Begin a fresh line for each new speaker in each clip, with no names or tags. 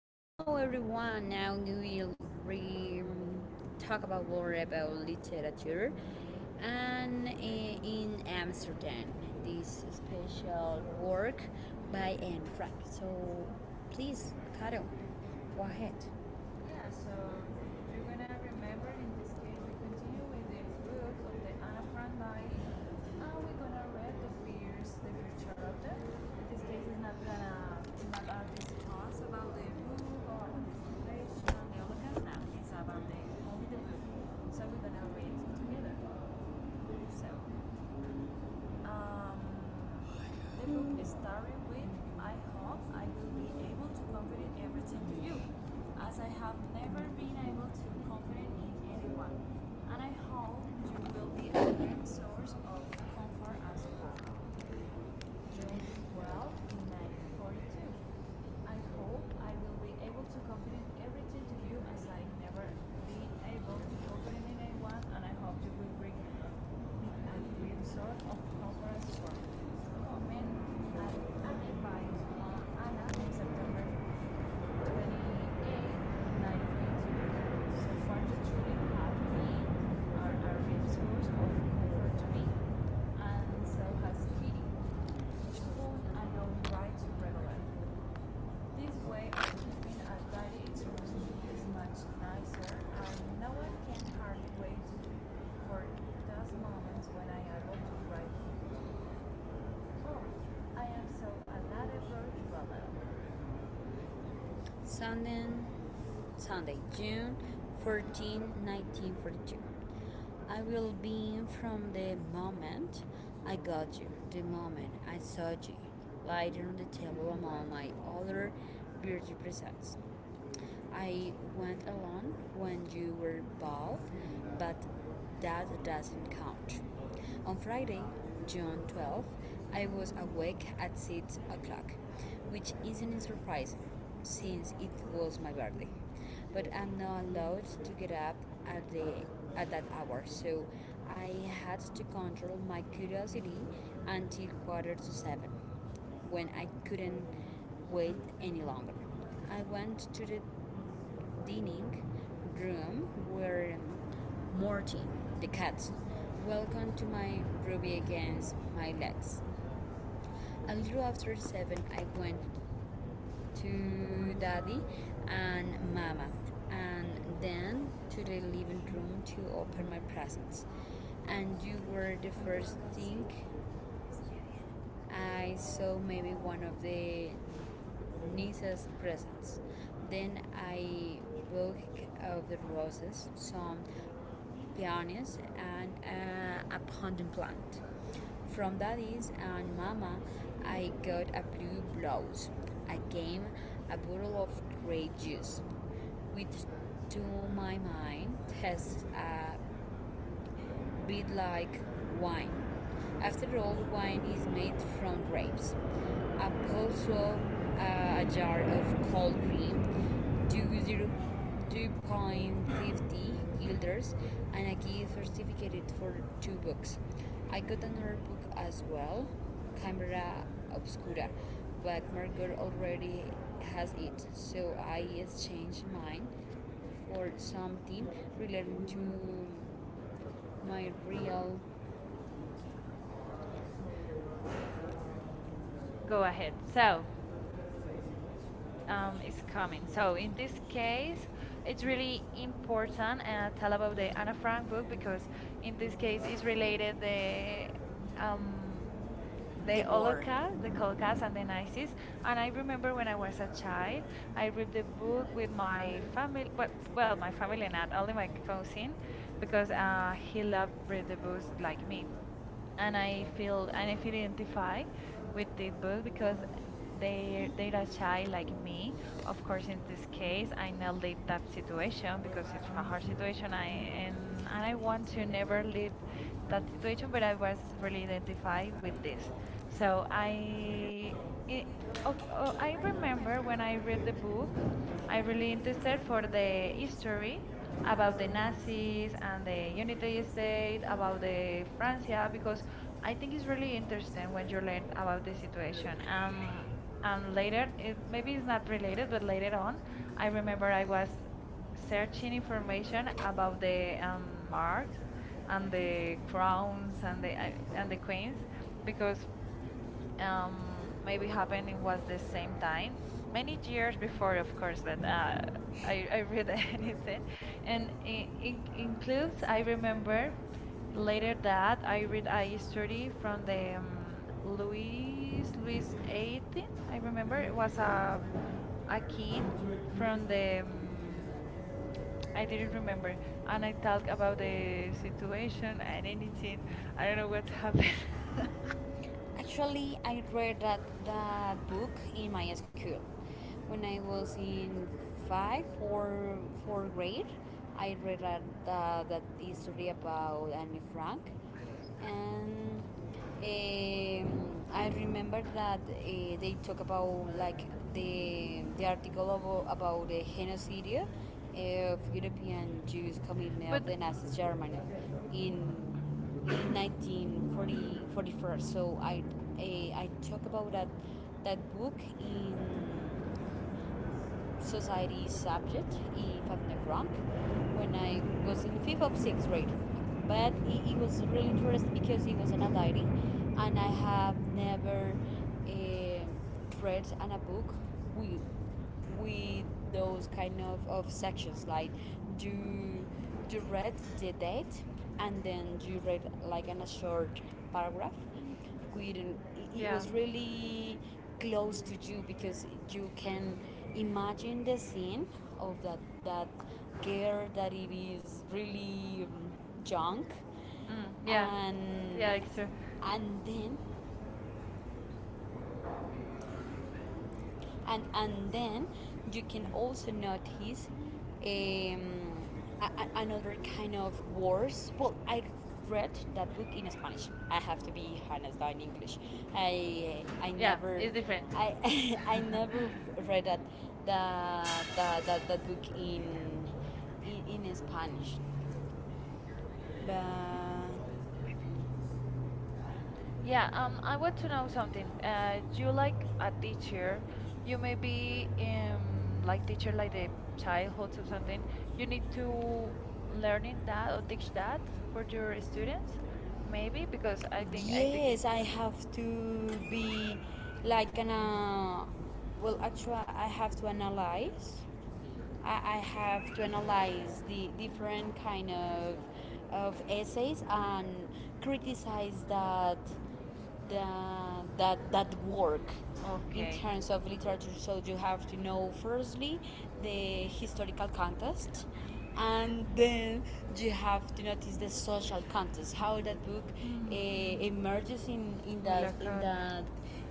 Hello everyone. Now we will re- talk about more about literature and in Amsterdam this special work by Anne Frank. So please, Caro, go ahead. Yeah, so you're gonna remember in this case we continue with the book of the Anna Frank life, and we're gonna read the fear chapter. In this case it's not gonna not about this class about the book or inflation, the holocaust, no, it's about the only the book. So we're gonna read it together. So um, the book is starting with I hope I will be able to confide everything to you, as I have never been able to confide in anyone, and I hope you will be a great source of comfort and support. June 12, 1942. I hope I will be able to confident everything to you as I never been able to confident in anyone, and I hope you will bring me a great sort of conference for comment Amen by Anna in September 28. So far, the children have been are a source of comfort to me, and so has Kitty, whom I know writes regularly. This way of keeping a diary is much nicer, and no one can hardly wait for those moments when I am able to write. Oh, I am so a lot of virtual. Sunday, Sunday, June 14, 1942. I will be from the moment I got you, the moment I saw you, lying on the table among my other beauty presents. I went alone when you were bald, but that doesn't count. On Friday, June 12th, I was awake at 6 o'clock, which isn't surprising since it was my birthday. But I'm not allowed to get up at, the, at that hour, so I had to control my curiosity until quarter to 7, when I couldn't wait any longer. I went to the dining room where Morty, the cat, welcome to my ruby against my legs. A little after seven, I went to daddy and mama, and then to the living room to open my presents. And you were the first thing I saw maybe one of the nieces' presents. Then I bought of the roses, some peonies, and a pumpkin plant. From daddy's and mama, I got a blue blouse, a game, a bottle of grape juice, which to my mind has a bit like wine. After all, wine is made from grapes. A also a jar of cold cream, two point five zero- 2.50 guilders, and a gift certificate for two books. I got another book as well, Camera Obscura, but Margot already has it, so I exchanged mine for something related to my real.
Go
Go ahead.
ahead.
So,
So, it's coming.
so
So,
in
in this
this
case,
case,
it's
it's really
really
important
important
and tell
tell
about
about
the
the
Anna
Anna
Frank
Frank
book
book
because
because
in
in
this
this
case
case,
it's
it's
related
related
the
um
um, the war,
The
the
Holocaust
Holocaust.
and the Nazis. And I remember when I was a child, I read the book with my family, well,
Well,
my
my family
family not
and all
only
my
my
cousin,
cousin,
because
because
he
he
loved
loved read the
parents
books
like
like
me,
me
and
and
I feel I
I feel
identify
identify with
with the
this
book
book because
because they
they're a
are child
child
like
like
me.
me.
Of
Of course,
in
in this
this
case,
case, I
I now
know the
live
exact
that
situation,
situation because it's a
the
hard
situation
situation.
I
I
am in, and
and
I
I
want
want
to
to
never
never live
leave that
that
situation,
situation, but
but I
I
was
was really
really identified.
identified with this.
So
So
I, I
I it,
remember
oh, oh, I
when I,
remember when I read the book,
I
I
really
really
interested
interested for
for the
the
history
history
history
about
about the
the
Nazis
Nazis
and
and
the
the United
Heritage Day,
States, about
about the
the
Francia,
Francia, because
because I
I
think
think it's
it's
really
really interesting
interesting
what
when
you
you learn
read about
about the
the
situation.
situation. And, and
And later,
later,
maybe
maybe
it's
it's not
not
related,
related, but
but later
later
on,
on,
I
I remember
remember I
I was
was
searching
searching information
information
about
about the
the um, bars
marks
and the
and the
crowns
crowns and the I-
and
and the
the
queens
queens,
because
because um, maybe
maybe
happened
happening
was
was the
the same
same
time
time,
many
many
years
years
before
before,
it
of course,
first went
but uh, I
I,
I
I
read
really
anything,
and
and
it
includes
includes.
I
I remember
remember. Later
later that
that
I
I read
read a
a
history
history
from
from
the
the
Louis
Louis Louis
the XVIII.
18. I remember
Remember
it
it
was
was a,
a king
a the.
from the
I
I didn't
didn't remember,
remember and
and
I
I
talk
talked
about
about the
the
situation
situation
and
and
anything.
anything.
I
I don't
don't
know
know
what
what's
happened.
happened. Actually, I read that book in my school when I was in five or four grade. I read that history about Anne Frank, and I remember that they talk about like the article about the genocide eh, of European Jews commitment of
But
the Nazi Germany in 1940 41. So I talk about that book in society subject, if I'm not wrong, when I was in fifth or sixth grade. But it was really interesting because it was an diary, and I have never uh, read an a book with with those kind of sections like you you read the date and then you read like an, a short paragraph good and it
yeah.
was really close to you because you can imagine the scene of that girl that it is really junk
Mm, yeah.
and
Yeah, extra.
and then and then you can also notice um, a, another kind of words. Well, I read that book in Spanish. I have to be honest, not in English. I I
Yeah,
never
it's
it's
different.
I I never read that that book in in Spanish, but
We
yeah,
Yeah, I
I want
want
to
to
know
know
something.
something.
Do you
You
like
like
a
a
teacher?
teacher,
You
you may
may be
be
like
like teacher
teacher like
like
a
the
childhood
childhoods or
teacher.
something.
You
You
need
need
to
to learning
learn
that
that or
or
teach
teach
that
that
for
for
your
your students,
students, maybe
maybe because
because
I
I
think I think. it-
yes, I have to be like an well, actually, I have to analyze I, I have to analyze the different kind of essays and criticize the, that that work in
Okay.
terms of literature. So you have to know firstly the historical context, and then you have to notice the social context. How that book
Mm.
emerges in
Huele
that
a
in
carne.
that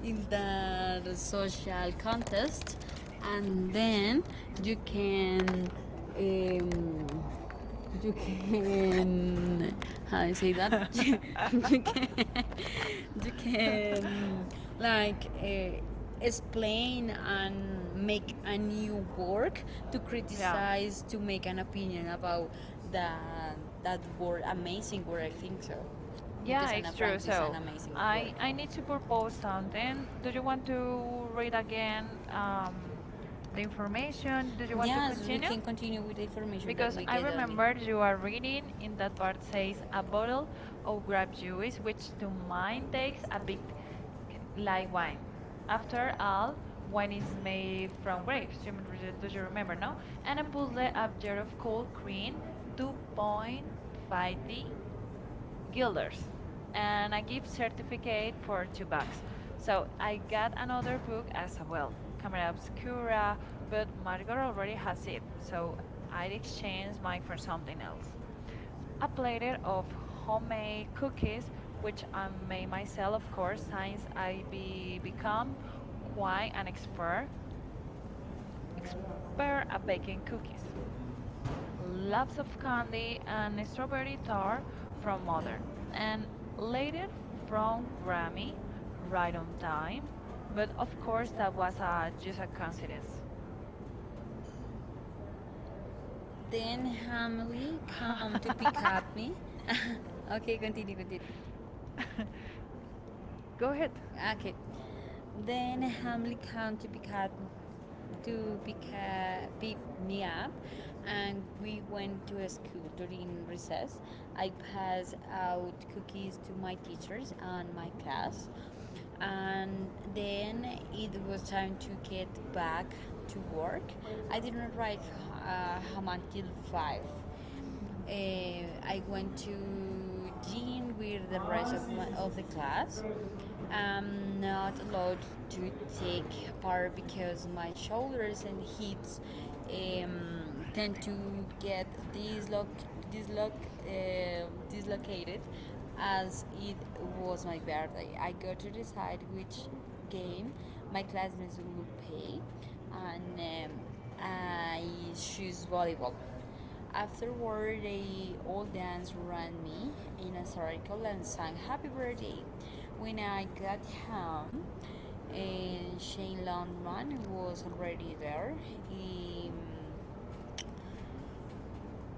in that social context and then you can um, you can how do you say that you can you can like explain and make a new work to
Yeah.
criticize to make an opinion about that that word amazing word I think so. Yeah,
Yeah,
because Anna
it's true.
it's is an
So
amazing I, work.
I
I
I
need
need
to
to
propose
propose
something.
something.
Do
Do
you
you
want
want
to
to
read
read
again
again
um,
the
information?
information? Do you want to
Yes, we
continue?
can continue with the information because that
Because
we
I
get I on it. You
remember you
are
are
reading
reading in
in that
that
part
part
says
says
a
a
bottle
bottle
of
of
grape
grape
juice,
juice,
which
which
to
to
mine
mine
tastes
takes
a
a
bit
bit
like
like
wine.
wine.
After
After
all,
all,
wine
wine
is
is
made
made
from
from
grapes.
grapes. Do
Do
you
you remember,
remember,
no?
no?
And
And
a
a puzzle
puzzle
of jar
of
of cold
cold green,
cream,
2.5 d
2.50
guilders,
guilders
and
and
I
I
give
give
certificate
certificate
for
for
two
two
bucks.
bucks.
So
So
I
I
got
got
another
another
book
book as
as well,
well,
Camera
Camera
Obscura,
Obscura,
but
but Margot
Margot
already
already has
has
it,
it.
so
So I
I exchanged
exchanged
mine
mine
for
for
something
something else.
else. A
A
platter
platter
of
of
homemade
homemade
cookies,
cookies,
which
which
I
I made
made
myself,
myself, of
of course,
course,
since
since I
I be
become
become
quite
quite
an
an
expert,
expert
expert
expert
at
at
baking
baking cookies,
cookies lots
lots
of
of
candy
candy
and
and
strawberry
strawberry
tart
tart
from
from
one,
mother,
and
and
later
later
from
from
Grammy,
Grammy,
right
right
on
on
time.
time.
But
But
of
of
course,
course,
that
that
was
was
just
just
a
a
coincidence.
coincidence.
Then Hamley come to pick up me. Okay, continue, continue. Go
Go ahead.
ahead. Okay. Then Hamlin came to pick up to pick me up, and we went to a school during recess. I passed out cookies to my teachers and my class, and then it was time to get back to work. I didn't arrive home until five uh, I went to gym with the rest of the class. I'm not allowed to take part because my shoulders and hips tend to get disloc disloc dislocated as it was my birthday. I got to decide which game my classmates will play, and I choose volleyball. Afterward, they all danced around me in a circle and sang happy birthday. When I got home, Shane Longman was already there. He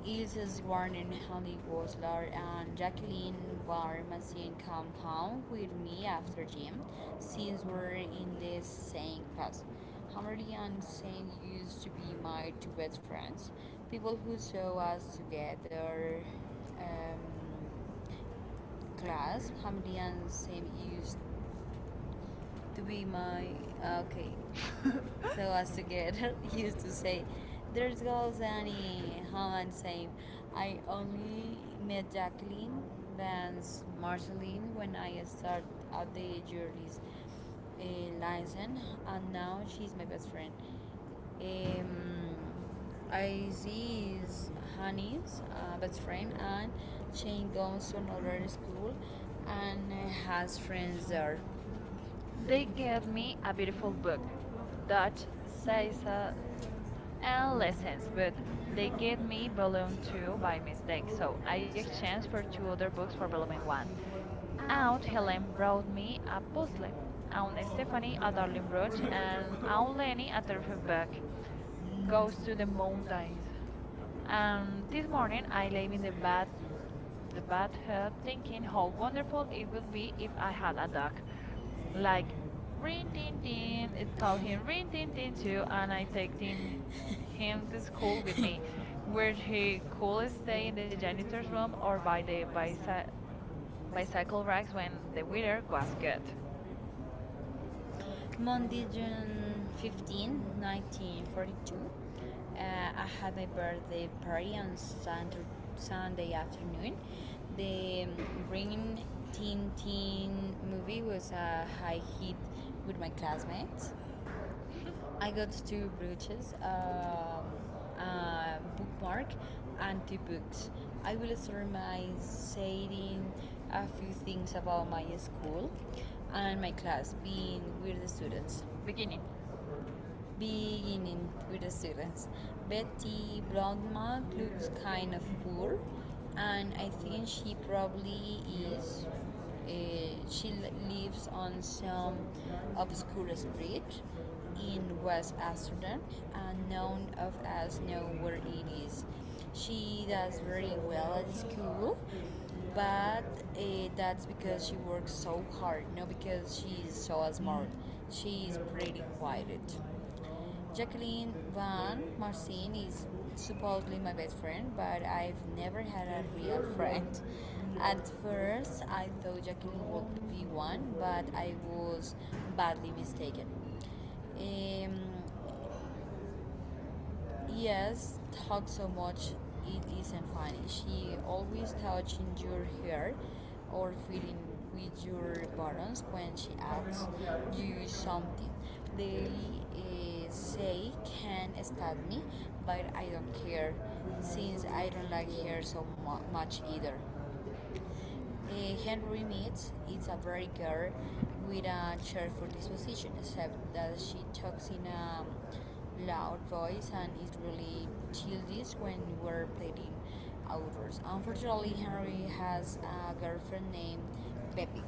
Ilse born in Halle-Goslar and Jacqueline were missing compound with me after gym, since we're in the same class. Hammerly and Saint used to be my two best friends, people who saw us together um, class. Hammerly and Saint used to be my ah, okay. so as to get used to say, there goes Annie Hammond saying, I only met Jacqueline Vance Marceline when I started out the jury's uh, license, and now she's my best friend. Um, I see is Honey's best friend, and Shane goes to another school and has friends there. They
They
gave
gave
me
me
a
a beautiful book,
beautiful book, Dutch
Dutch
says,
Saisas and
and lessons,
Lessons,
but
but they
they gave
gave
me
me
balloons
Volume 2
by
by
mistake,
mistake,
so
so
I
I
exchanged
exchanged
for
for
two
two
other
other
books
books
for
for
the little
Volume
one.
1.
Aunt
Aunt
Helen
Helen
wrote
brought
me
me
a
a
book,
puzzle.
Aunt
Aunt
Stephanie
Stephanie
a
a
lovely
darling
book,
brooch,
and
and
Aunt
Aunt
Lenny
Lenny
a
a
different
terrific
book
book.
goes
Goes
to
to
the
the
mountains.
mountains.
And
And
this
this
morning
morning
I
I
lay
lay
in
in the
the bed,
the
bed uh,
bathtub,
thinking
thinking
how
how
wonderful
wonderful
it
it
would
would
be
be if
if I
I
had
had
a
a
dog.
dog.
Like
Like
ring
Rin
ding
Tin
ding,
Tin, it called
calling
him
ring
Rin
ding
Tin
ding
Tin
too,
too,
and
and
I
I take
taking him
him
to
to school with
school
me,
where
where
he
he
could
could
stay
stay
in
in
the
the
janitor's
janitor's
room
room
or
or
by
by
the
the
bicycle
bicycle
rides
racks
when
when
the
the
weather
weather
was
was good.
good. Monday, June 15, 1942. I had my birthday party on Sunday afternoon. The Green Teen movie was a high hit with my classmates. I got two brooches, a bookmark, and two books. I will start my saying a few things about my school and my class, being with the students
Beginning.
beginning with the students. Betty Blondmark looks kind of poor, and I think she probably is. She lives on some obscure street in West Amsterdam, and none of us know where it is. She does very well at school, but uh, that's because she works so hard, not because she's so smart. She is pretty quiet. Jacqueline Van Marcin is supposedly my best friend, but I've never had a real friend. At first, I thought Jacqueline would be one, but I was badly mistaken. Um, Yes, thought so much. It isn't funny. She always touching your hair or feeling with your buttons when she asks you something. They say can stab me, but I don't care since I don't like her so much either. Henry meets is a very girl with a cheerful disposition, except that she talks in a loud voice and is really childish when we're playing outdoors. Unfortunately, Henry has a girlfriend named Peppy,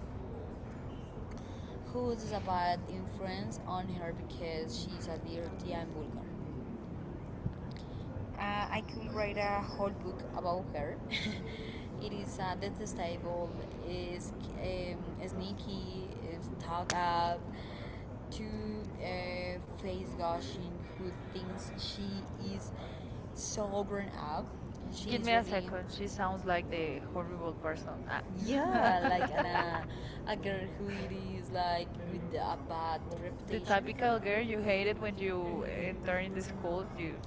who is a bad influence on her because she's a dirty and vulgar. I could write a whole book about her. It is detestable, is um, sneaky, is thought up, too face gushing, who thinks she is so grown up.
Give
She's
me a
really
second.
She
She
sounds
sounds
like
like
the
the horrible
Hollywood person.
person. Ah.
Yeah, like an, uh, a girl who it is like with a bad
The
reputation. The typical
typical
girl
girl you
you
hated
hated when
when
you
you enter
during
in
the
the
school.
school, you.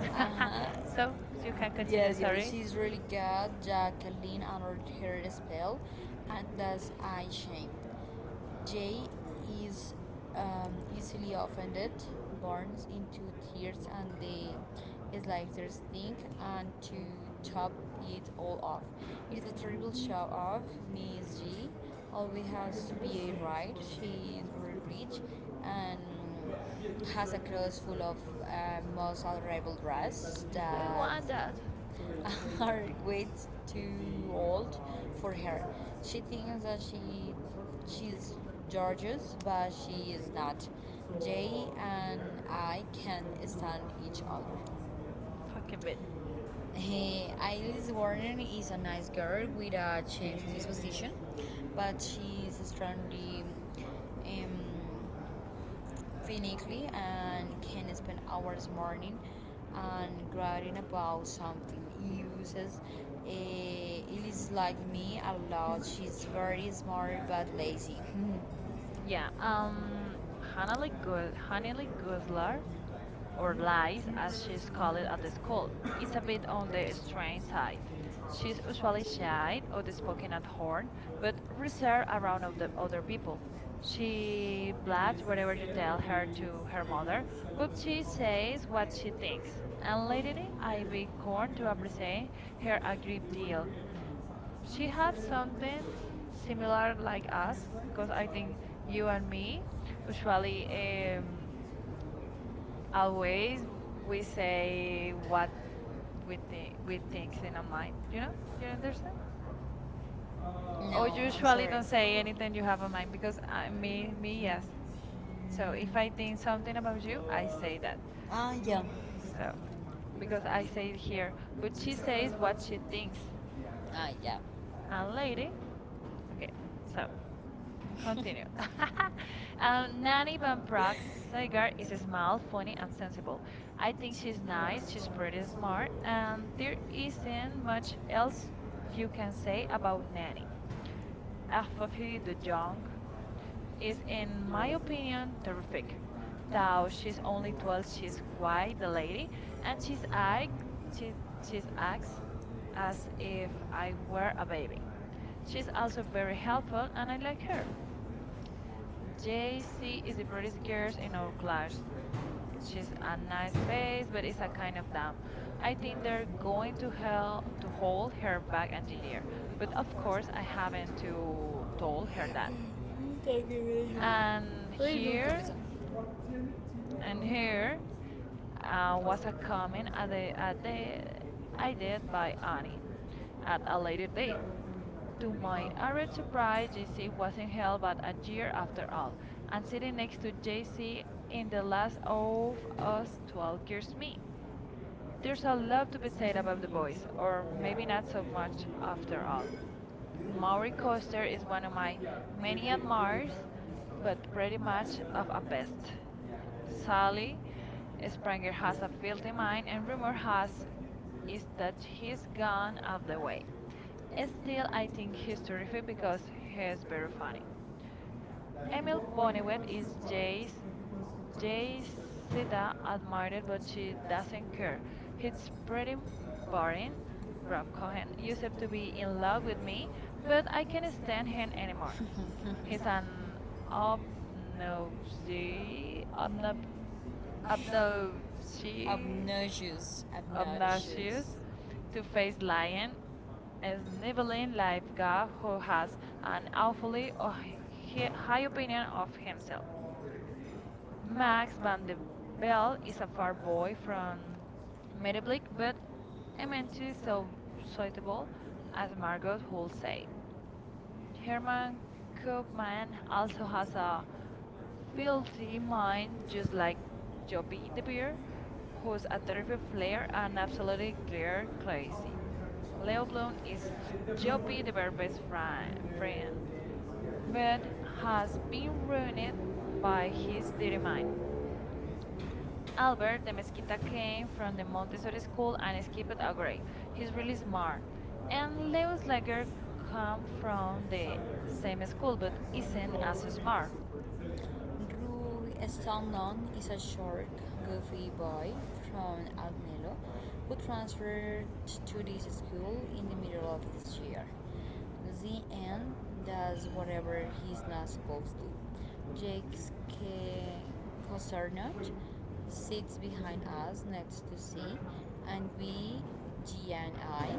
Uh-huh.
So you can continue,
Yes, yes,
sorry.
she's really good. Jacqueline honored her spell, and thus I shame. Jay is easily offended, burns into tears, and they is like slightest stink, and to top it all off, it is a terrible show off. Miss G always has to be right. She is very rich and has a cross full of most adorable dress
I
that
want that
are way too old for her. She thinks that she's gorgeous, but she is not. Jay and I can stand each other.
fucking bit.
Hey, Alice Warren is a nice girl with a changed disposition, but she is strongly um, clinically and can spend hours morning and writing about something. Uses it is like me a lot. She's very smart but lazy. Yeah.
Yeah.
Hana like
Hannah
really
Goslar or
lies
lies
as
as
she's
she's
called
called
at
at
the
the
school.
school.
It's
It's
a
a
bit
bit
on
on
the
the
strange
strange
side.
side.
She's
She's
usually
usually
shy,
shy or the
always walking
spoken
at
at
home,
horn,
but
but
reserved
reserved
around
around of the
other
other
people.
people.
She
She
read
blabs
whatever
whatever
you
you tell
tell
her
to
to
her
her
mother,
mother,
what
but
she
she
says,
says
what
what
she
she
thinks.
thinks.
And
And
lately
lately,
I've
I've
been
been
born
corn
to
to
appreciate
appreciate
her
her a great deal.
ability. She
She
has
has
something
something
similar
similar
like
like
us
us
because
because
I
I
think
think
you
you
and
and
me
me
usually
usually
always
always
we
we
say
say
what
what
we
we
think
thinks
in
in our
our mind.
mind, you
You know,
know, you
you understand?
understand, or
No, I'm
usually
sorry. Don't
don't
say
say
anything
anything
you
you
have
have
on
in
mind
mind because
because
I, me
me,
me
yes.
yes.
So
So
if
if
I
I
think
think
something
something
about
about
you,
you,
I
I
say
say
that.
that.
Ah, yeah. So,
So
because
because
I
I
say
say it
it here,
here,
what
but
she
she
says,
says
what
what
she
she
thinks.
thinks
Ah, yeah. I'm
and
lady.
lady. Okay,
Okay, so
so continue.
Natalie
Nanny
Van
Van
Praag,
Praag's
the girl
Sagar is
is smart,
small,
funny,
funny,
and
and
successful.
sensible.
I
I
think
think
she's
she's nice,
nice, she's
she's
pretty
pretty
smart.
smart, and
There
there
isn't
isn't
much
much
else
else
you
you
can
can
say
say
about
about Nanny.
Natalie. Afrahi
Afafi the
Najjar
Young
is,
is,
in
in
my
my
opinion,
opinion,
perfect.
terrific.
Now
Though
she's
she's
only
only
one,
12,
she's
she's
quite
quite
the
the
lady,
lady,
and
and she's act,
she,
she,
she's
she's
acts
acts
as
as if
if I
I
were
were
a
a
babe.
baby.
She's
She's
also
also
very
very
helpful,
helpful,
and
and
I
I
like
like
her.
her.
JC
JC
is
is
a
the
pretty
prettiest girl
scarce and
in our class.
large. She's
She's
a
a
nice
nice
face,
face,
but
but
it's
it's
a
a
kind
kind
of
of
dumb.
dumb.
I
I
think
think
they're
they're
going
going
to
to
fail
hell
to
to
hold
hold
her
her
back
back a
and here.
year. But
Of
of
course,
course
I
I
haven't
haven't
to
to
は
told her that. And
い、どうか、ブ
here
リザー。
and
And hair
here was
wasn't
a
common
comment
at
at
at the
the
I
I
did
did
like
by Annie
at
at
a
a
later
later
date.
date. To
My
my
average
arid
price
surprise,
JC
JC
wasn't
wasn't
held
held
on
but
a
a
year
year
after
after
all.
all,
And
and
sitting
sitting
next
next
to
to
JC
JC
in
in
the
the
last
last
old
of
house,
us 12
here's
years
me.
me.
There's
There's
a
a
lot
lot
to
to
be
be
said
said
about
about
the
the
boys,
boys,
or
or
maybe
maybe
not
not
so
so
much
much
about the
after all.
book. Maury
Maury
Coaster
Coster
is
is
one
one
of
of
my
my many
many marks, but
admirers, but
pretty
pretty
much
much
a
of a
best.
pest.
Sally
Sally Springer
Springer has
has
a
a
filthy
filthy
mind,
mind,
and
and rumor
rumor has
has
is
is
that
that
he's
he's
gone
gone
up
off
the
the
way.
way.
Still,
Still,
I
I
think
think
he's
he's
terrific
terrific
because
because
he is
he's very
very
funny.
funny. Remember
Emil Bonnewet
which
is Jay's Jay
days that
Sita admired,
and
but
doesn't
she
work.
doesn't care.
It's
It's pretty
incredibly boring,
boring.
rough,
Rob Cohen
and used
used
to
to
be
be
in
in
love
love with
with me,
me,
but
but
I
I
can't
can't
stand
stand
him
him
anymore.
anymore.
He's
He's
an
an
obno-
obnoxy, obnob, obnoxy, obnoxious,
Obnoxious, two-faced
two-faced
lion,
lion
as
is an
nibbling
Evelyn
like God
lifeguard
who
who
has
has an
and awfully
awfully
on high
high
opinion
opinion
of
of himself.
himself. Max
Max
van
van de
der Bell
Bell
is
is
a
a
far
far
boy
boy
from
from
Middleburg,
Meadowbrook,
but
but
eminently
immensely
so
so
sociable,
suitable,
as
as
Margot
Margot
would
would
say.
say.
Herman
Herman Koopman
Kuhlman also
also
has
has
a
a filthy
guilty mind,
mind,
just
just
like
like
Joby
Joppy the
Clear,
Bear,
who's
who's
a
a
terrible
terrific
player
flair
and
and
absolutely
absolutely
clear.
clear
Like, oh,
crazy. Leo
Melville
Bloom
is
is Joppy
Joby, the
the
very
Bear's best
best friend.
friend,
There
but
has
has
been
been ruined
ruin
by
by his
his dirty mind.
denial. Albert,
Albert the
the
Mesquita
misconnected name
came
from
from
the
the
Montessori
Montessori
school,
school
and
and skipped
Stephen
a
Albert.
grade.
He's
He's really
really smart.
smart.
And
And
they
Leo
was like,
Slager come from
from
the
the same
same
school,
school
but
but
they said
isn't
not
as
so smart.
smart.
Drew Stanlon is a short, goofy boy from Almelo who transferred to this school in the middle of this year. The does whatever he's not supposed to. K- Cosernot sits behind us next to C, and G and I,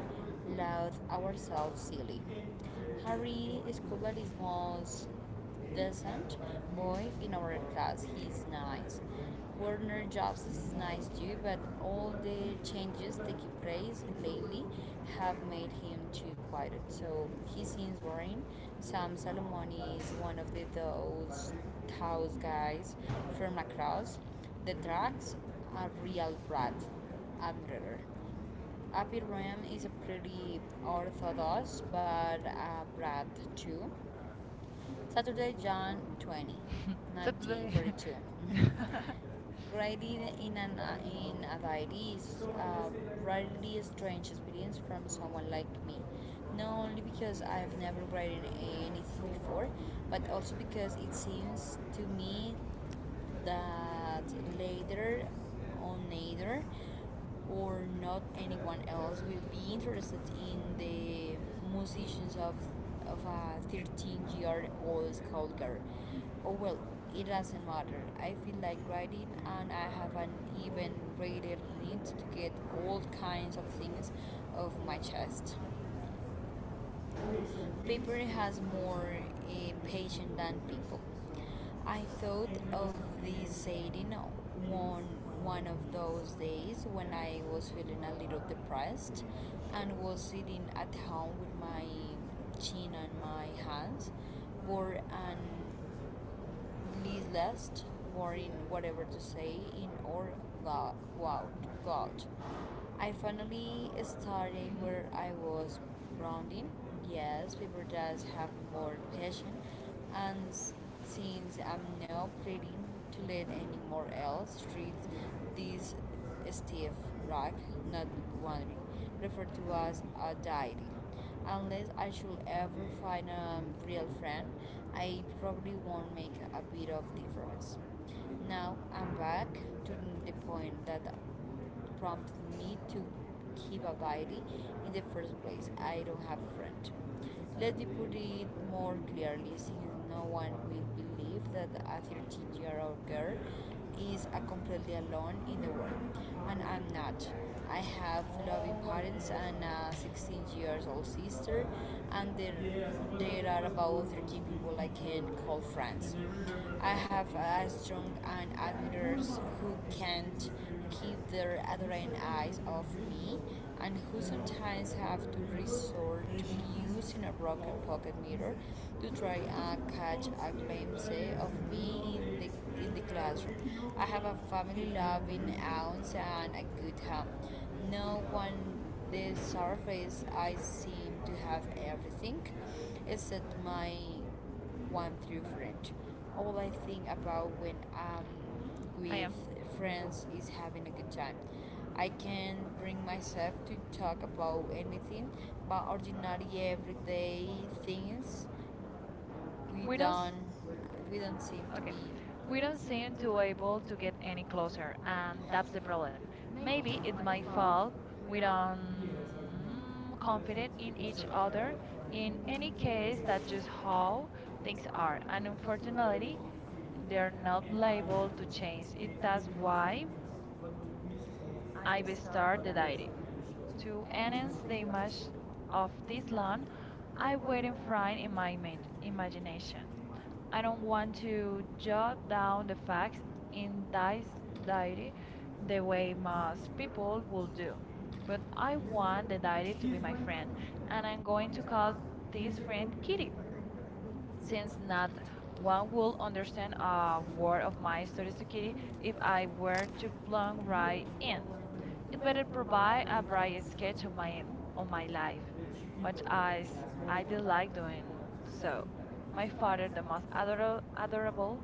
laugh ourselves silly. Harry Escobar is most decent boy in our class. He's nice. Werner Jobs is nice too, but all the changes taking place lately have made him too quiet. So he seems boring. Sam Salomoni is one of the those house guys from across the tracks. A real brat, admirer. Abby Ram is a pretty orthodox, but a brat too. Saturday, John 20th,
Today.
1942. Writing in an in a diary is a really strange experience from someone like me. Not only because I've never written anything before, but also because it seems to me that later on either or not anyone else will be interested in the musicians of a 13-year-old schoolgirl. Oh well, it doesn't matter. I feel like writing, and I have an even greater need to get all kinds of things off my chest. Paper has more uh, patience than people. I thought of this saying one one of those days when I was feeling a little depressed and was sitting at home with my chin on my hands, bored and listless, worrying whatever to say in or go out. I finally starting where I was rounding. Yes, people just have more passion, and since I'm not planning to let anyone else treat this stiff rock not wandering, referred to as a diary. Unless I should ever find a real friend, I probably won't make a bit of difference. Now I'm back to the point that prompted me to keep a diary in the first place. I don't have a friend. Let me put it more clearly, since no one will believe that a 13-year-old girl is a completely alone in the world. And I'm not. I have loving parents and a 16-year-old sister, and there are about 13 people I can call friends. I have a strong and admirers who can't keep their other eyes off me and who sometimes have to resort to using a broken pocket mirror to try and catch a glimpse of me in in the classroom. I have a family loving aunt and a good home. No one the surface I seem to have everything except my one through French. All I think about when I'm
I
with
am.
friends is having a good time. I can not bring myself to talk about anything but ordinary everyday things
We
We're
don't. S-
don't do not we do not seem to
Okay.
be We
We
don't
don't
seem
seem
to
to
be able
able
to
to
get
get
any
any
closer,
closer,
and
and
that's
that's
the
the
problem.
problem.
Maybe
Maybe
it's
it's
my
my
fault.
fault.
We
We
don't mm, with each
don't confident in each
other.
other.
In
In
any
any
case,
case,
that's
that's
just
just
how
how
things
things
are.
are,
And
and
unfortunately,
unfortunately,
there are
they're
no
not
plans to
liable to
change.
change. It
And that's
that's
why
why
I
I
will
will
start
start the
that
diary.
to
To
any
enhance
mistake
the
of
image of
this
this
month,
land,
I
I
will
wait and
refrain
find
in
in
my
my
imagination.
imagination.
I
I don't
don't want
want
to
to
jot
jot
down
down
the
the
facts
facts
in
in this
dice like
diary
the
the
way
way
most
most
people
people will
would do.
do. But
But I
I
want
want
the
the diary to be my
dice,
friend,
and I'm
and I'm
going
going
to
to
call
call
this
this
friend
friend
Kitty
Kitty
since
since
not
not
one
one
would
will
understand
understand
a
a word
word of
of
my
my studies to
strategy.
Kitty
If
if
I
I
were
were
to
to
plan
plunge
right
right
in,
in.
to
It
better
better
provide
provide
a
a
bright
bright
sketch
sketch
of
of
my
my
life,
life,
but
much
as
as
I
I
would like
dislike
to
doing
so.
so.
My
My
father,
father,
the
the
most
most
adorable
adorable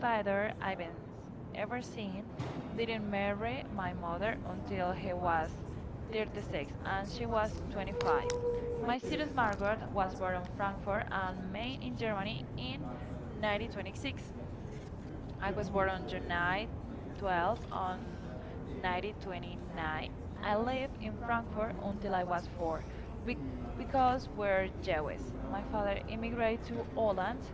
father
father
I've ever
ever
seen.
seen,
He didn't
didn't
marry
marry
my
my
mother
mother
until
until
he
he
was
was
36
36
and
and
she
she
was
was 25.
25. My
My
student
Cirrus
background
Margot
was
was
born
born
in
in
Frankfurt
Frankfurt
and
am
made
Main
in
in
Germany
Germany in
in 1926.
1926.
I
I
was
was
born
born
on
on
July
July 12
12 on
on 1929.
1929. I
I
lived
lived
in
in
Frankfurt
Frankfurt
until
until
I
I
was
was
four
four be-
because
because we're
we're
Jewish.
Jewish. My
My
father
father
immigrated
immigrated
to
to
Poland
Holland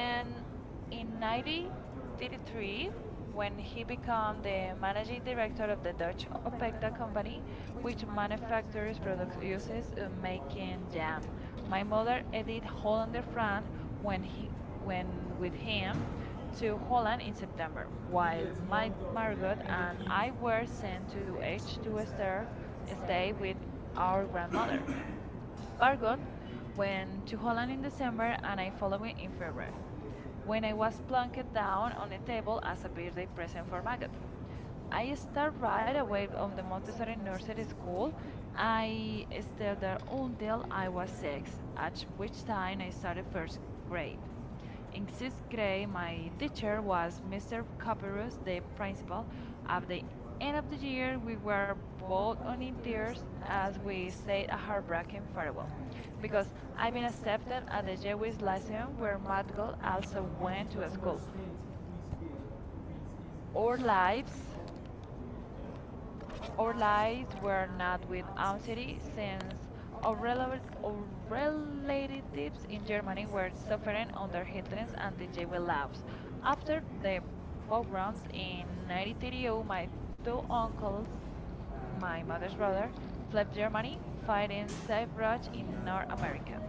and in
in
1933
1933
when
when
he
he
became
became
the
the
managing
managing
director
director
of
of
the
the
Deutsche
Dutch
Confector
Opekta
Company
company
which
which
manufactures
manufactures products
product uses
uses in
making
making
jam.
jam.
My
My
mother
mother
Edith
Edith
only
Hollander
from
Frank
when
when he
when
when
with
with
him
him
to
to
one
Holland
in
in
September.
September,
While
while
my partner
Margot and
and I
I
were
were
sent
sent
to the
to
beach
H
to
to
reserve
Esther
to stay
stay with
with our
our grandmother.
landlord.
Margot
Bargot went
went
to
to Holland
Holland in
in
December
December
and
and
I
I followed
followed in
in February,
February, when
when
I
I
was
was plunked
plunked down
down
on
on
a
a
table
table
as
as
a
a
birthday
birthday
present
present
for
for Margot.
Margot. I
I
started
started right
right away
away
on
on the
the
Montessori
Montessori Nursery
nursery
School.
school.
I
I
stayed
stayed there
there until
until
I
I
was
was six,
six, at
at
which
which
time
time
I
I
started
started
first
first
grade.
grade.
In
In
sixth
sixth
grade,
grade,
my
my
teacher
teacher
was
was
Mr.
Mr.
Copperus,
Copperus, the
the principal.
principal.
At
At
the
the end
end of
of the
the year,
year,
we
we
were
were
both
both
on
on
in
in
tears
tears
as
as
we
we
say
said
a
a
heartbreaking
heartbreaking farewell.
farewell. Because
Because
I've
I've
been
been
accepted
accepted
at
at
the
the
Jewish
Jewish
Lyceum
Lyceum
where
where
Matko
Madgal
also
also
went
went
to
to
school.
school.
Our
Our
lives,
lives Our lives were not with anxiety since our, rela- our relatives in Germany were suffering under Hitler's anti jewish laws. After the pogroms in 1932, my two uncles, my mother's brother, fled Germany, fighting sagebrush in North America.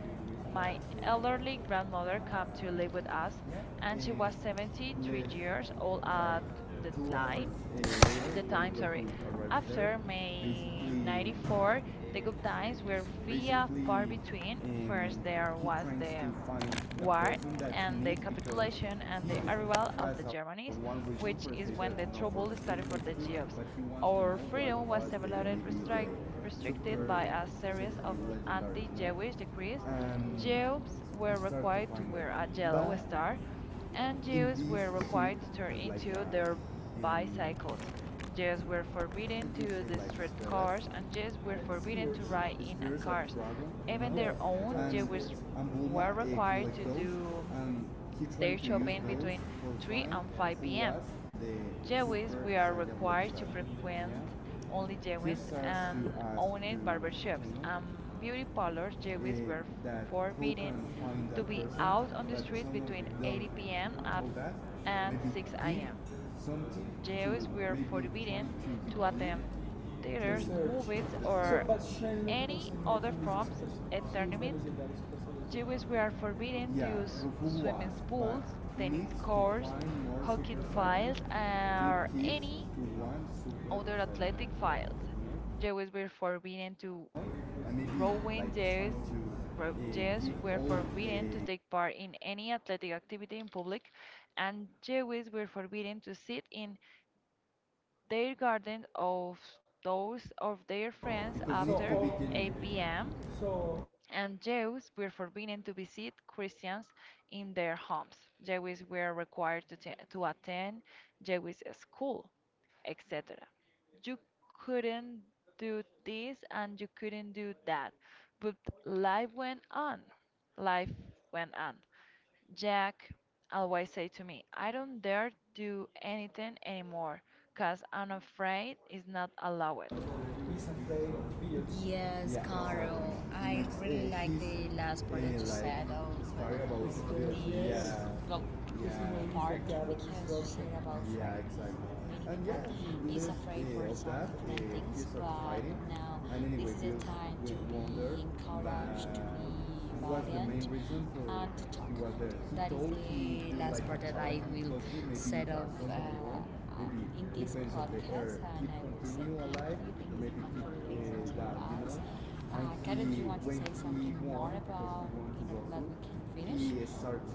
My elderly grandmother came to live with us,
yeah,
and she was 73
and
years old at the
like 2 hours
time
later
the
when
time, sorry.
Goku arrives there,
After May
basically
94, the good times were via far
basically
between.
um,
First, there
he
was
tries to
the
find the
war
person that he
and the
needs because
capitulation and
he
the arrival of
has
the
a one
Germanies,
reason for say
which
that
is
no
when
for
the
the food
trouble started
basically
for the
but he
Jews.
wants to know
Our
what
freedom
was
was
the
severely
maybe the
restricted
super
by a series
strategy
of
legendary,
anti
you know,
Jewish decrees.
and
Jews
I
were
start to
required to
find it
wear a yellow
but
star and
in
Jews
this
were
ship
required to turn
has like a
into their
um,
bicycles. Jews were forbidden
what
to
do you
use
say
the
like
street
spheres
cars, and Jews were forbidden to ride
is
in a
Furious of
cars.
Dragon, you know?
Even their
Yes,
own
and
Jews
Spirits. And Bulma
were required
collect
to
those,
do
and he trying
their
to use
shopping
those
between
for
3
find
and
who
5 p.m.
was the
Jewish,
Super
we are
Saiyan Black
required to
God. Yeah?
frequent only
He
Jewish
starts to
and
ask to
owned barbershops
Shenlong,
and beauty parlors. Jewish
eh,
were
that who can
forbidden
find
to
that
be
person,
out on the
but
street
some of
between
them don't
8 p.m.
know that.
And
Maybe
6
give
a.m.
something to
Jews were
maybe trying
forbidden
to
to
begin
attend
to The
theaters,
search.
movies,
the search. So,
or
but Sherlock
any
doesn't know
other
who is this
forms of
person. She is the
entertainment.
legend that is person is.
Jews were forbidden to
Yeah,
use
who, was,
swimming
but
pools, tennis
needs to
courts,
find more
hockey
Super science
fields,
to
or
keep
any
to one Super
other athletic
science.
files.
You know?
They were forbidden to
And maybe
rowing.
like
Jays
trying to
ro- jays
give
were
all
forbidden to
the
take part in any athletic activity in public, and Jews were forbidden to sit in their garden of those of their friends
because So need to
after
all, be
8
all-
p.m
So
and Jews were forbidden to visit Christians in their homes. Jews were required to, to attend Jewish school, etc. You couldn't do this and you couldn't do that, but life went on. Life went on. Jack always say to me, I don't dare do anything anymore, cause I'm afraid it's not allowed.
is afraid of fields. Yes. Yeah. Carol. I. Yes, really yes, like he's the last part, yeah, that you like, said of. Sorry about It's the- good. Yes. Yeah. Well, yeah, part, yeah, we can just say about. Yeah, exactly. many And people. Yeah, he's afraid for some different things, but now anyway, this is the time to be encouraged, to be valiant, and to talk. That is the last like part that I will because set was of in this podcast, and I would say thank you. Thank you so much for listening to that, you us. Know. And Karen, do you want to say something more about we want in to that we can finish?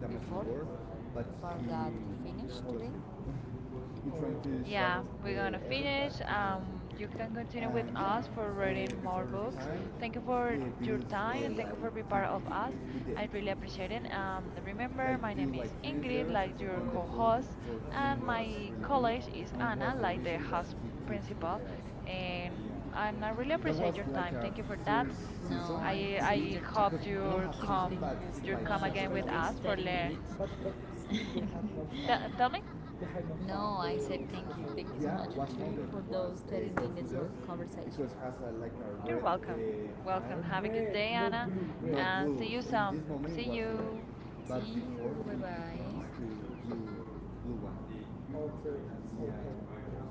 Before- but before he that we finish was- today? He trying to distract
Yeah,
the
we're gonna
air, but
finish.
he
You can continue with
yeah,
us for
uh,
reading more
before the
books.
time,
Thank you for your
Bills
time and thank
like
you for being
keep
part of us.
with it
I really appreciate it. Remember,
like
my
do
name
like
is
friends
Ingrid,
there and
like your
the food
co-host,
for him
and
was
my
really good
college is
and was
Anna,
the
like the
reason that
house
he keeps with
principal.
us.
And and I really
Yeah. That
appreciate
was
your
like
time.
a
Thank you for that.
first. No, season. No, I. It
I
exceeded
I
your time.
hope
Not. Thank half you, season, but so
you
like
come
much
again
several for
with
these
us for
30
learn.
minutes. But still we have more
T
fun.
Tell me.
No, I said thank you. Thank you so. Yeah, much what's to- for those 30 minutes of conversation. It has a, like a
You're
red
welcome. Welcome.
fire.
Have a good
Red,
day,
not
Anna,
blue. Red, not
and see
blue.
you
In
some.
this
See
moment was red,
you.
but Sí, before we bye-bye. Passed to blue, blue one. Okay. Yeah, okay.